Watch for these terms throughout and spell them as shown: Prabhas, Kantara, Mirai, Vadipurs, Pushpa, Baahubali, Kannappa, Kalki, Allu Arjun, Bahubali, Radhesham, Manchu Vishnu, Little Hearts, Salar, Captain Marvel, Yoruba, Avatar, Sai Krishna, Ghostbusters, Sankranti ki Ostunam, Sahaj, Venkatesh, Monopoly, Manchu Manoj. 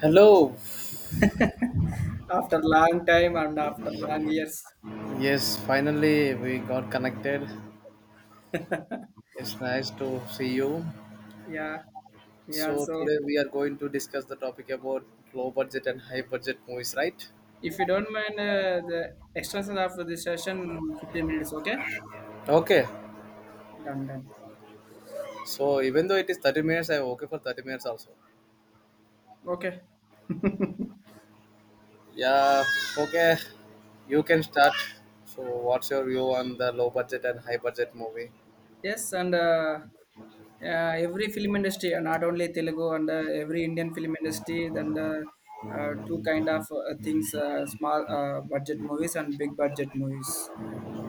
Hello. After long time and after long years. Yes, finally we got connected. It's nice to see you. Yeah, yeah. So So today we are going to discuss the topic about low budget and high budget movies, right? if you don't mind, the extension of the session, 15 minutes, okay? Okay. Done, done. So even though it is 30 minutes, I'm okay for 30 minutes also. Okay. Yeah, okay. You can start. So what's your view on the low budget and high budget movie? Yes, and every film industry, not only Telugu and every Indian film industry, then two kind of things: small budget movies and big budget movies.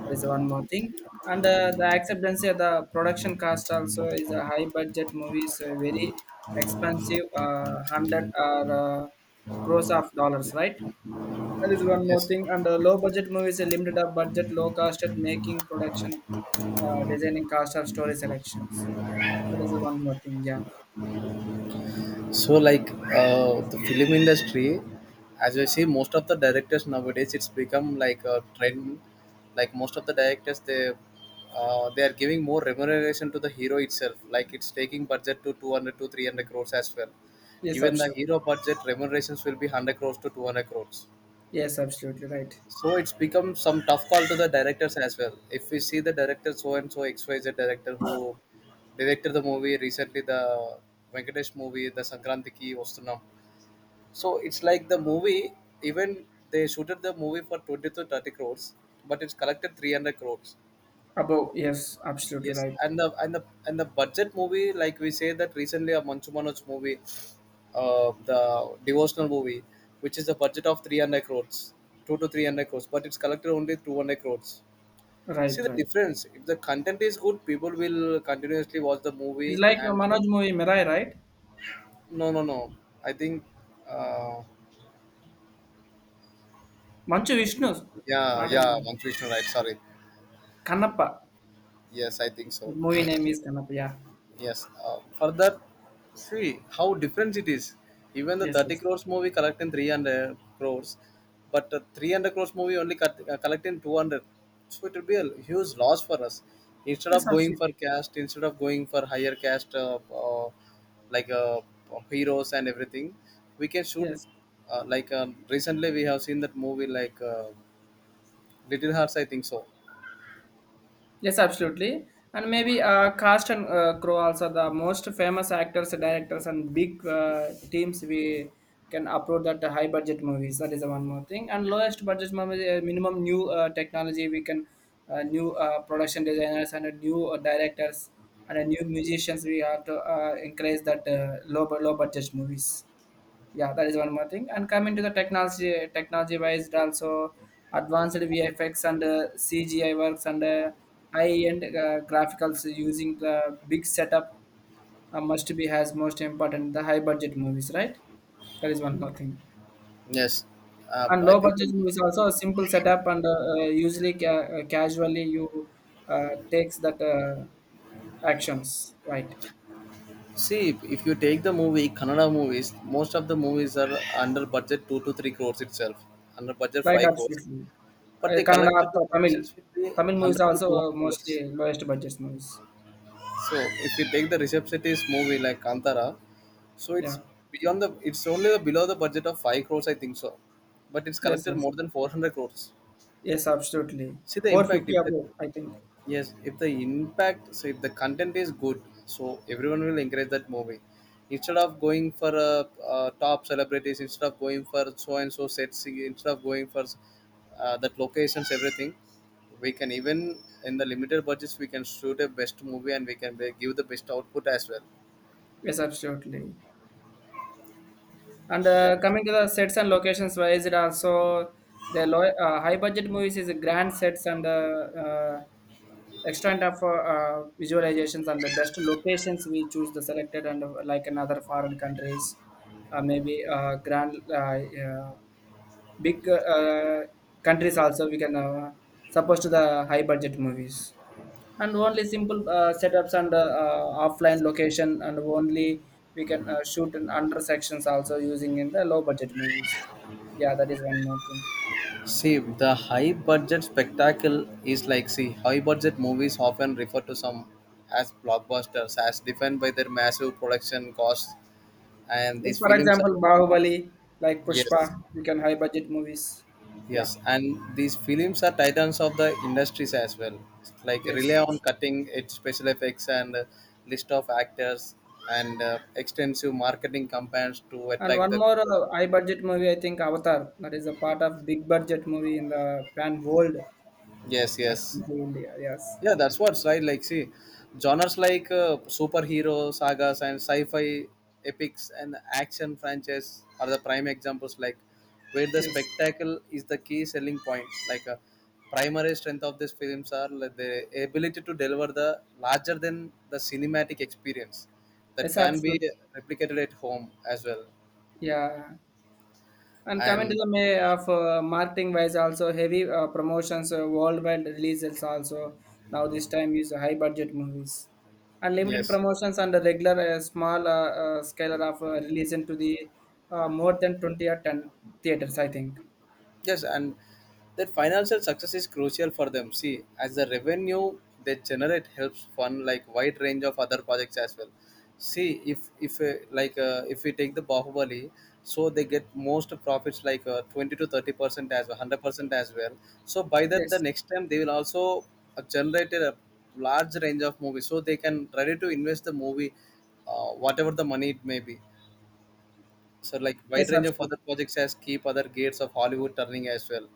That is one more thing, and the acceptance of the production cost also is a high budget movies, very expensive, hundred or crores of dollars, right? That is one more Yes. thing. And low budget movies, a limited up budget, low costed making, production, designing, cast of story selections. That is the one more thing. Yeah. So, like the film industry, as I see, most of the directors nowadays, it's become like a trend. Like most of the directors, they are giving more remuneration to the hero itself. Like it's taking budget to 200 to 300 crores as well. Yes, Even the absolutely. hero budget remunerations will be hundred crores to 200 crores. Yes, absolutely right. So it's become some tough call to the directors as well. If we see the director so and so X Y Z director who directed the movie recently, the Venkatesh movie, the Sankranti ki Ostunam. So it's like the movie, even they shooted the movie for 20 to 30 crores, but it's collected 300 crores. Above. Yes, absolutely Yes, right. and the budget movie, like we say that recently a Manchu Manoj movie, the devotional movie, which is a budget of 300 crores, two to 300 crores, but it's collected only 200 crores. See Right, the right. difference. If the content is good, people will continuously watch the It's movie. like a And Manoj movie, Mirai, right? no, no, no. I think, uh, Manchu Vishnu, yeah, not a yeah, movie. Manchu Vishnu, right? Sorry. Kannappa. Yes, I think The so. movie name is Kannappa. Yeah. Yes. Further, see how different it is. Even the Yes, 30 yes. crores movie collecting 300 crores, but the 300 crores movie only collecting 200. So it will be a huge loss for us. Instead Yes, of going for absolutely. cast, instead of going for higher cast, like heroes and everything, we can shoot. Yes. Like recently, we have seen that movie like Little Hearts. I think so. Yes, absolutely. And maybe cast and Crowe also the most famous actors, directors, and big teams we can upload that high budget movies. That is the one more thing. And lowest budget movie, minimum new technology we can, new production designers and new directors and new musicians. We have to encourage that low budget movies. Yeah, that is one more thing. And coming to the technology wise, it also advanced vfx and cgi works and high end graphics using the big setup, must be has most important the high budget movies, right? That is one more thing. Yes, And I low think. budget movies also a simple setup and usually casually you takes that actions, right? See, if you take the movie, Kannada movies, most of the movies are under budget two to three crores itself, under budget Right, five crores, absolutely. but they Kannada, collected the Tamil, commissions with the Tamil movies are hundred to two also hundred mostly crores. lowest budget movies. So if you take the Rishabh Shetty's movie like Kantara, so it's Yeah. beyond the, it's only below the budget of five crores, I think so, but it's Yes, collected yes, more than 400 crores. yes, absolutely. See the Four impact fifty if the above, I think. yes, if the impact, so if the content is good, so everyone will encourage that movie. Instead of going for top celebrities, instead of going for so and so sets, instead of going for that locations, everything, we can even in the limited budgets we can shoot a best movie and we can give the best output as well. Yes, absolutely. And Yeah. Coming to the sets and locations, why is it also the low, high budget movies is a grand sets and uh, extent of visualizations and the best locations we choose the selected, and like in other foreign countries, maybe grand big countries also we can suppose to the high budget movies, and only simple setups and offline location, and only we can shoot in under sections also, using in the low budget movies. Yeah, that is one more thing. See, the high budget spectacle is like, see, high budget movies often refer to some as blockbusters, as defined by their massive production costs, and Yes, these for films are example, Bahubali, like Pushpa, yes we can high budget movies. Yeah. yes, and these films are titans of the industries as well, like Yes, rely on Laksh. cutting edge special effects and list of actors, and extensive marketing campaigns to And attract one the more high budget movie, I think, Avatar. That is a part of big budget movie in the pan world, yes yes. actually, India. Yes, Yeah, that's what's right, like see, genres like superhero sagas and sci-fi epics and action franchise are the prime examples, like where the yes. spectacle is the key selling point, like a primary strength of these films are like, the ability to deliver the larger than the cinematic experience that Yes, can be absolutely. replicated at home as well. Yeah. And coming to And the May of, marketing wise, also heavy promotions, worldwide releases also. Now this time is high budget movies. And limited yes. promotions and the regular small scale of release into the more than 20 or 10 theaters, I think. Yes, and that financial success is crucial for them. See, as the revenue they generate helps fund like wide range of other projects as well. See, if we take the Bahubali, so they get most profits like 20 to 30% as well, 100% as well. So by that, the Yes. next time they will also generate a large range of movies, so they can ready to invest the movie, whatever the money it may be. So like wide Yes, range of other absolutely. projects as keep other gates of Hollywood turning as well.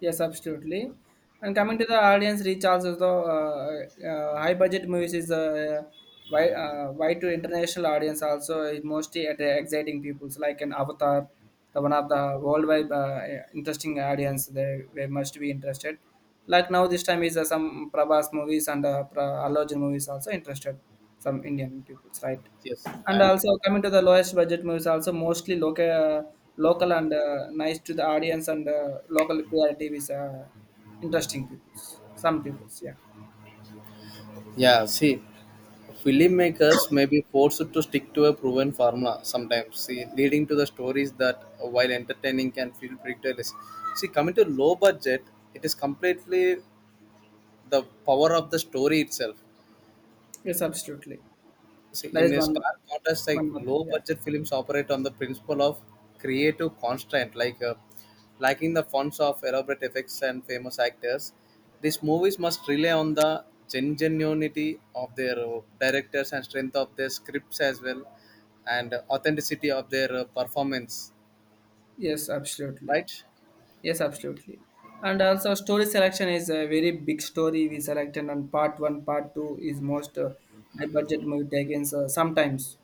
Yes, absolutely. And coming to the audience reach also, the high budget movies is wide, wide to international audience also, is mostly at the exciting peoples like an Avatar, the one of the worldwide interesting audience, they must be interested. Like now this time is some Prabhas movies and Allu Arjun movies, also interested some Indian peoples, right? Yes, And and also coming to the lowest budget movies, also mostly local, local and nice to the audience, and local clarity is interesting peoples. Some peoples, yeah. yeah, see, filmmakers may be forced to stick to a proven formula sometimes, see, leading to the stories that, while entertaining, can feel predictable. See, coming to low budget, it is completely the power of the story itself. Yes, absolutely. See, That in is a one, stark contrast, like more thing, low yeah. budget films operate on the principle of creative constraint, like lacking the funds of elaborate effects and famous actors. These movies must rely on the genuinity of their directors and strength of their scripts as well, and authenticity of their performance. Yes, absolutely. Right? Yes, absolutely. And also, story selection is a very big story we selected, and part one, part two is most high budget movie takings. Sometimes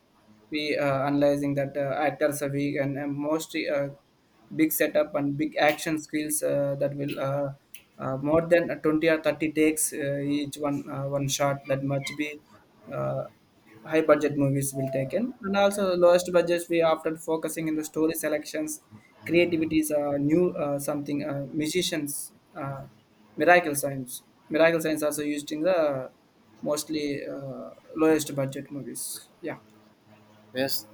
we analyzing that actors are weak, and most big setup and big action skills that will more than 20 or 30 takes, each one, one shot, that must be uh, high budget movies will take in, and also the lowest budgets we often focusing in the story selections creativities, new something musicians, uh, miracle science miracle science also used in the mostly uh, lowest budget movies. Yeah. Yes.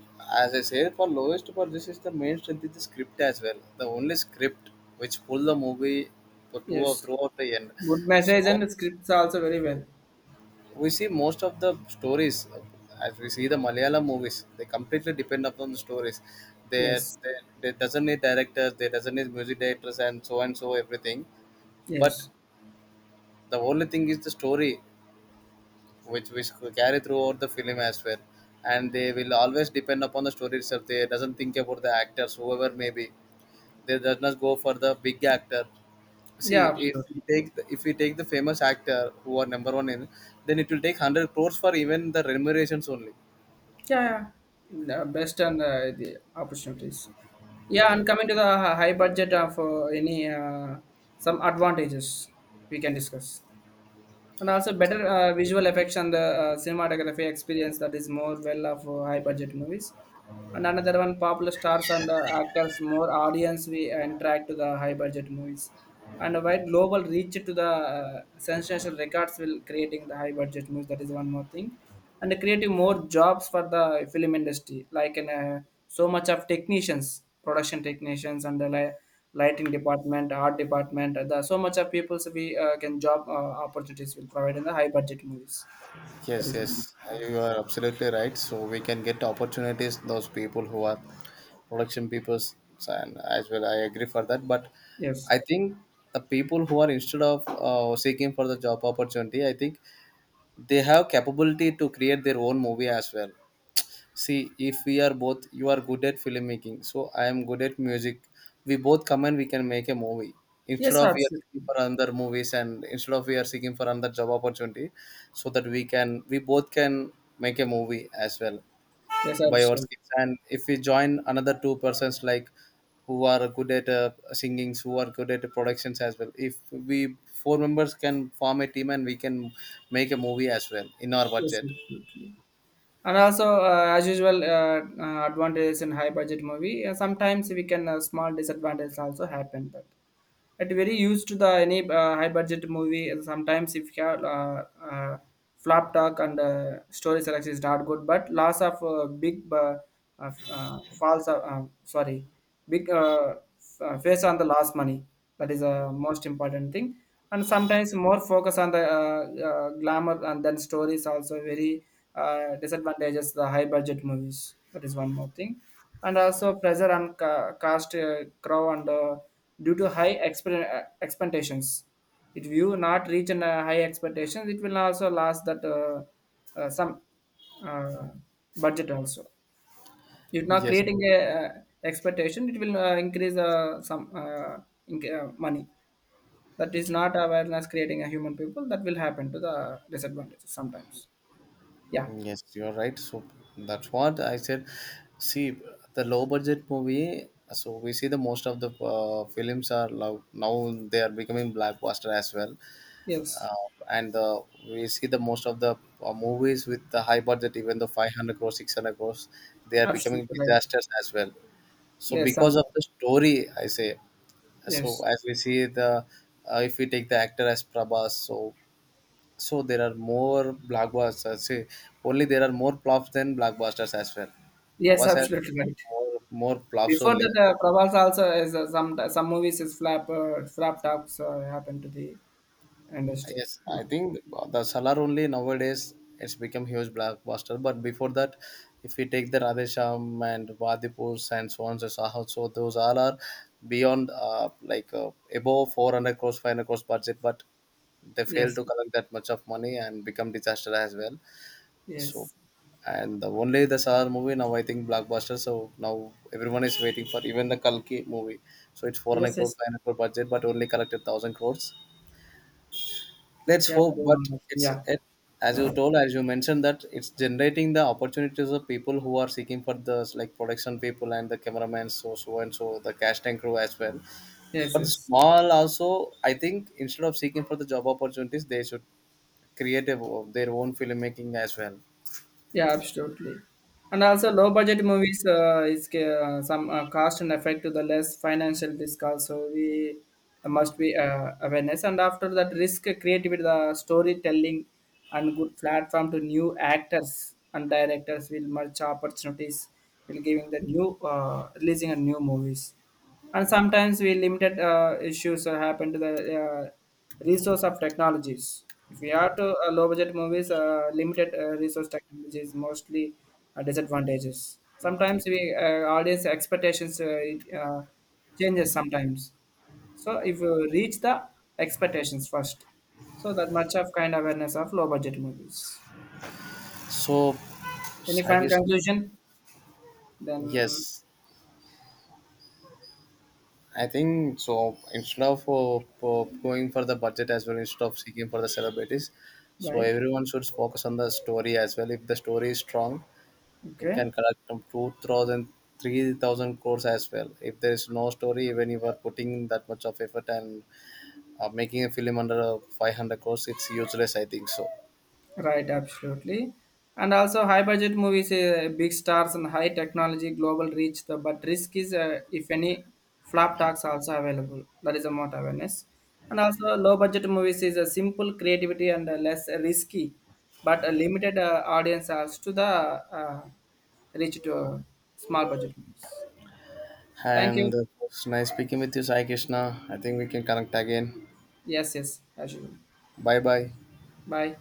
As I said, for lowest for this is the main strength is the script as well. The only script which pull the movie for two or Yes. throughout the end. Good message and So the scripts also very well. we see most of the stories as we see the malayalam movies, they completely depend upon the stories they Yes, they, they doesn't need directors, they doesn't need music directors and so everything, but yes. the only thing is the story which could carry throughout the film as well, and they will always depend upon the story itself, they doesn't think about the actors whoever may be, they does not go for the big actor. See, Yeah, if we absolutely. take the, if we take the famous actor who are number one in, then it will take 100 crores for even the remunerations only. Yeah, yeah. The best and the opportunities. Yeah, and coming to the high budget of any, some advantages we can discuss, and also better visual effects and the cinematography experience, that is more well of high budget movies. And another one, popular stars and actors, more audience we attract to the high budget movies. And a wide global reach to the sensational records will creating the high budget movies. That is one more thing. And creating more jobs for the film industry, like in so much of technicians, production technicians, and the lighting department, art department. The so much of people we can job opportunities will provide in the high budget movies. That Yes, is, one. yes, Yeah, you are absolutely right. So we can get opportunities those people who are production peoples, and as well, I agree for that. But yes, I think the people who are instead of seeking for the job opportunity, I think they have capability to create their own movie as well. See, if we are both, you are good at filmmaking, so I am good at music. We both come and we can make a movie. Instead yes, of we are seeking absolutely, for another movies and instead of we are seeking for another job opportunity, so that we can, we both can make a movie as well yes, by our absolutely. skills. And if we join another two persons like who are good at singings, who are good at productions as well, if we four members can form a team and we can make a movie as well in our Yes, budget. absolutely. And also, as usual, advantages in high budget movie. Sometimes we can small disadvantages also happen, but it very used to the any high budget movie. Sometimes, if you have flop talk and story selection is not good, but loss of big false sorry, big face on the lost money. That is a most important thing. And sometimes more focus on the glamour, and then stories also very disadvantages the high budget movies. That is one more thing. And also pressure on cast, crow, and due to expectations. If you not reach an, high expectations, it will also last that some uh, budget also. If not Yes. creating a expectation, it will increase some money. That is not awareness creating a human people. That will happen to the disadvantages sometimes. Yeah. Yes, you're right. So that's what I said. See, the low budget movie. So we see the most of the films are now they are becoming blockbuster as well, Yes. uh, and we see the most of the movies with the high budget, even the 500 crores, 600 crores, they are becoming Absolutely right. disasters as well. So Yes. because of Sometimes. the story, I say. So Yes. as we see the, if we take the actor as Prabhas, so so there are more blockbusters. See, only there are more flops than blockbusters as well. Yes. Prabhas has Absolutely right. more flops Before only. that, Prabhas also is some movies is flap tops happen to the industry. Yes, I think the Salar only nowadays it's become huge blockbuster. But before that, if we take the Radhesham and Vadipurs and so on, so Sahaj, so those all are beyond above 400 crores, 500 crores budget, but they fail Yes, to collect that much of money and become disaster as well. So, yes, and the only the Saar movie now I think blockbuster. So now everyone is waiting for even the Kalki movie. So it's 400 yes, crore, yes. 500 crore budget, but only collected 1000 crores. Let's Yeah, hope, very but wrong. Yeah, as you told, as you mentioned that it's generating the opportunities of people who are seeking for the like production people and the cameraman, so so and so the casting crew as well. yes, But yes. small also, I think instead of seeking for the job opportunities, they should create a, their own filmmaking as well. Yeah, absolutely. And also, low budget movies is some cost and effect to the less financial risk. Also, we must be awareness. And after that, risk creativity, the storytelling, and good platform to new actors and directors will merge opportunities. Will giving the new, releasing a new movies. And sometimes we limited issues happen to the uh, resource of technologies. If we are to low budget movies, limited resource technologies, mostly disadvantages. Sometimes we audience expectations, changes sometimes. So if you reach the expectations first, so that much of kind awareness of low budget movies. So, Any I final guess conclusion then? yes. I think so. Instead of going for the budget as well, instead of seeking for the celebrities, so Right, everyone should focus on the story as well. If the story is strong, it okay. can collect from 2,000, crores as well. If there is no story, even if you are putting that much of effort and making a film under 500 crores, it's useless, I think so. Right, absolutely. And also, high budget movies, big stars, and high technology, global reach. The, but risk is, if any, flop talks also available. That is a more awareness. And also, low budget movies is a simple creativity and less risky, but a limited audience as to the reach to small budget movies. Thank you. And it nice speaking with you, Sai Krishna. I think we can connect again. Yes, yes, as usual. Bye bye. Bye.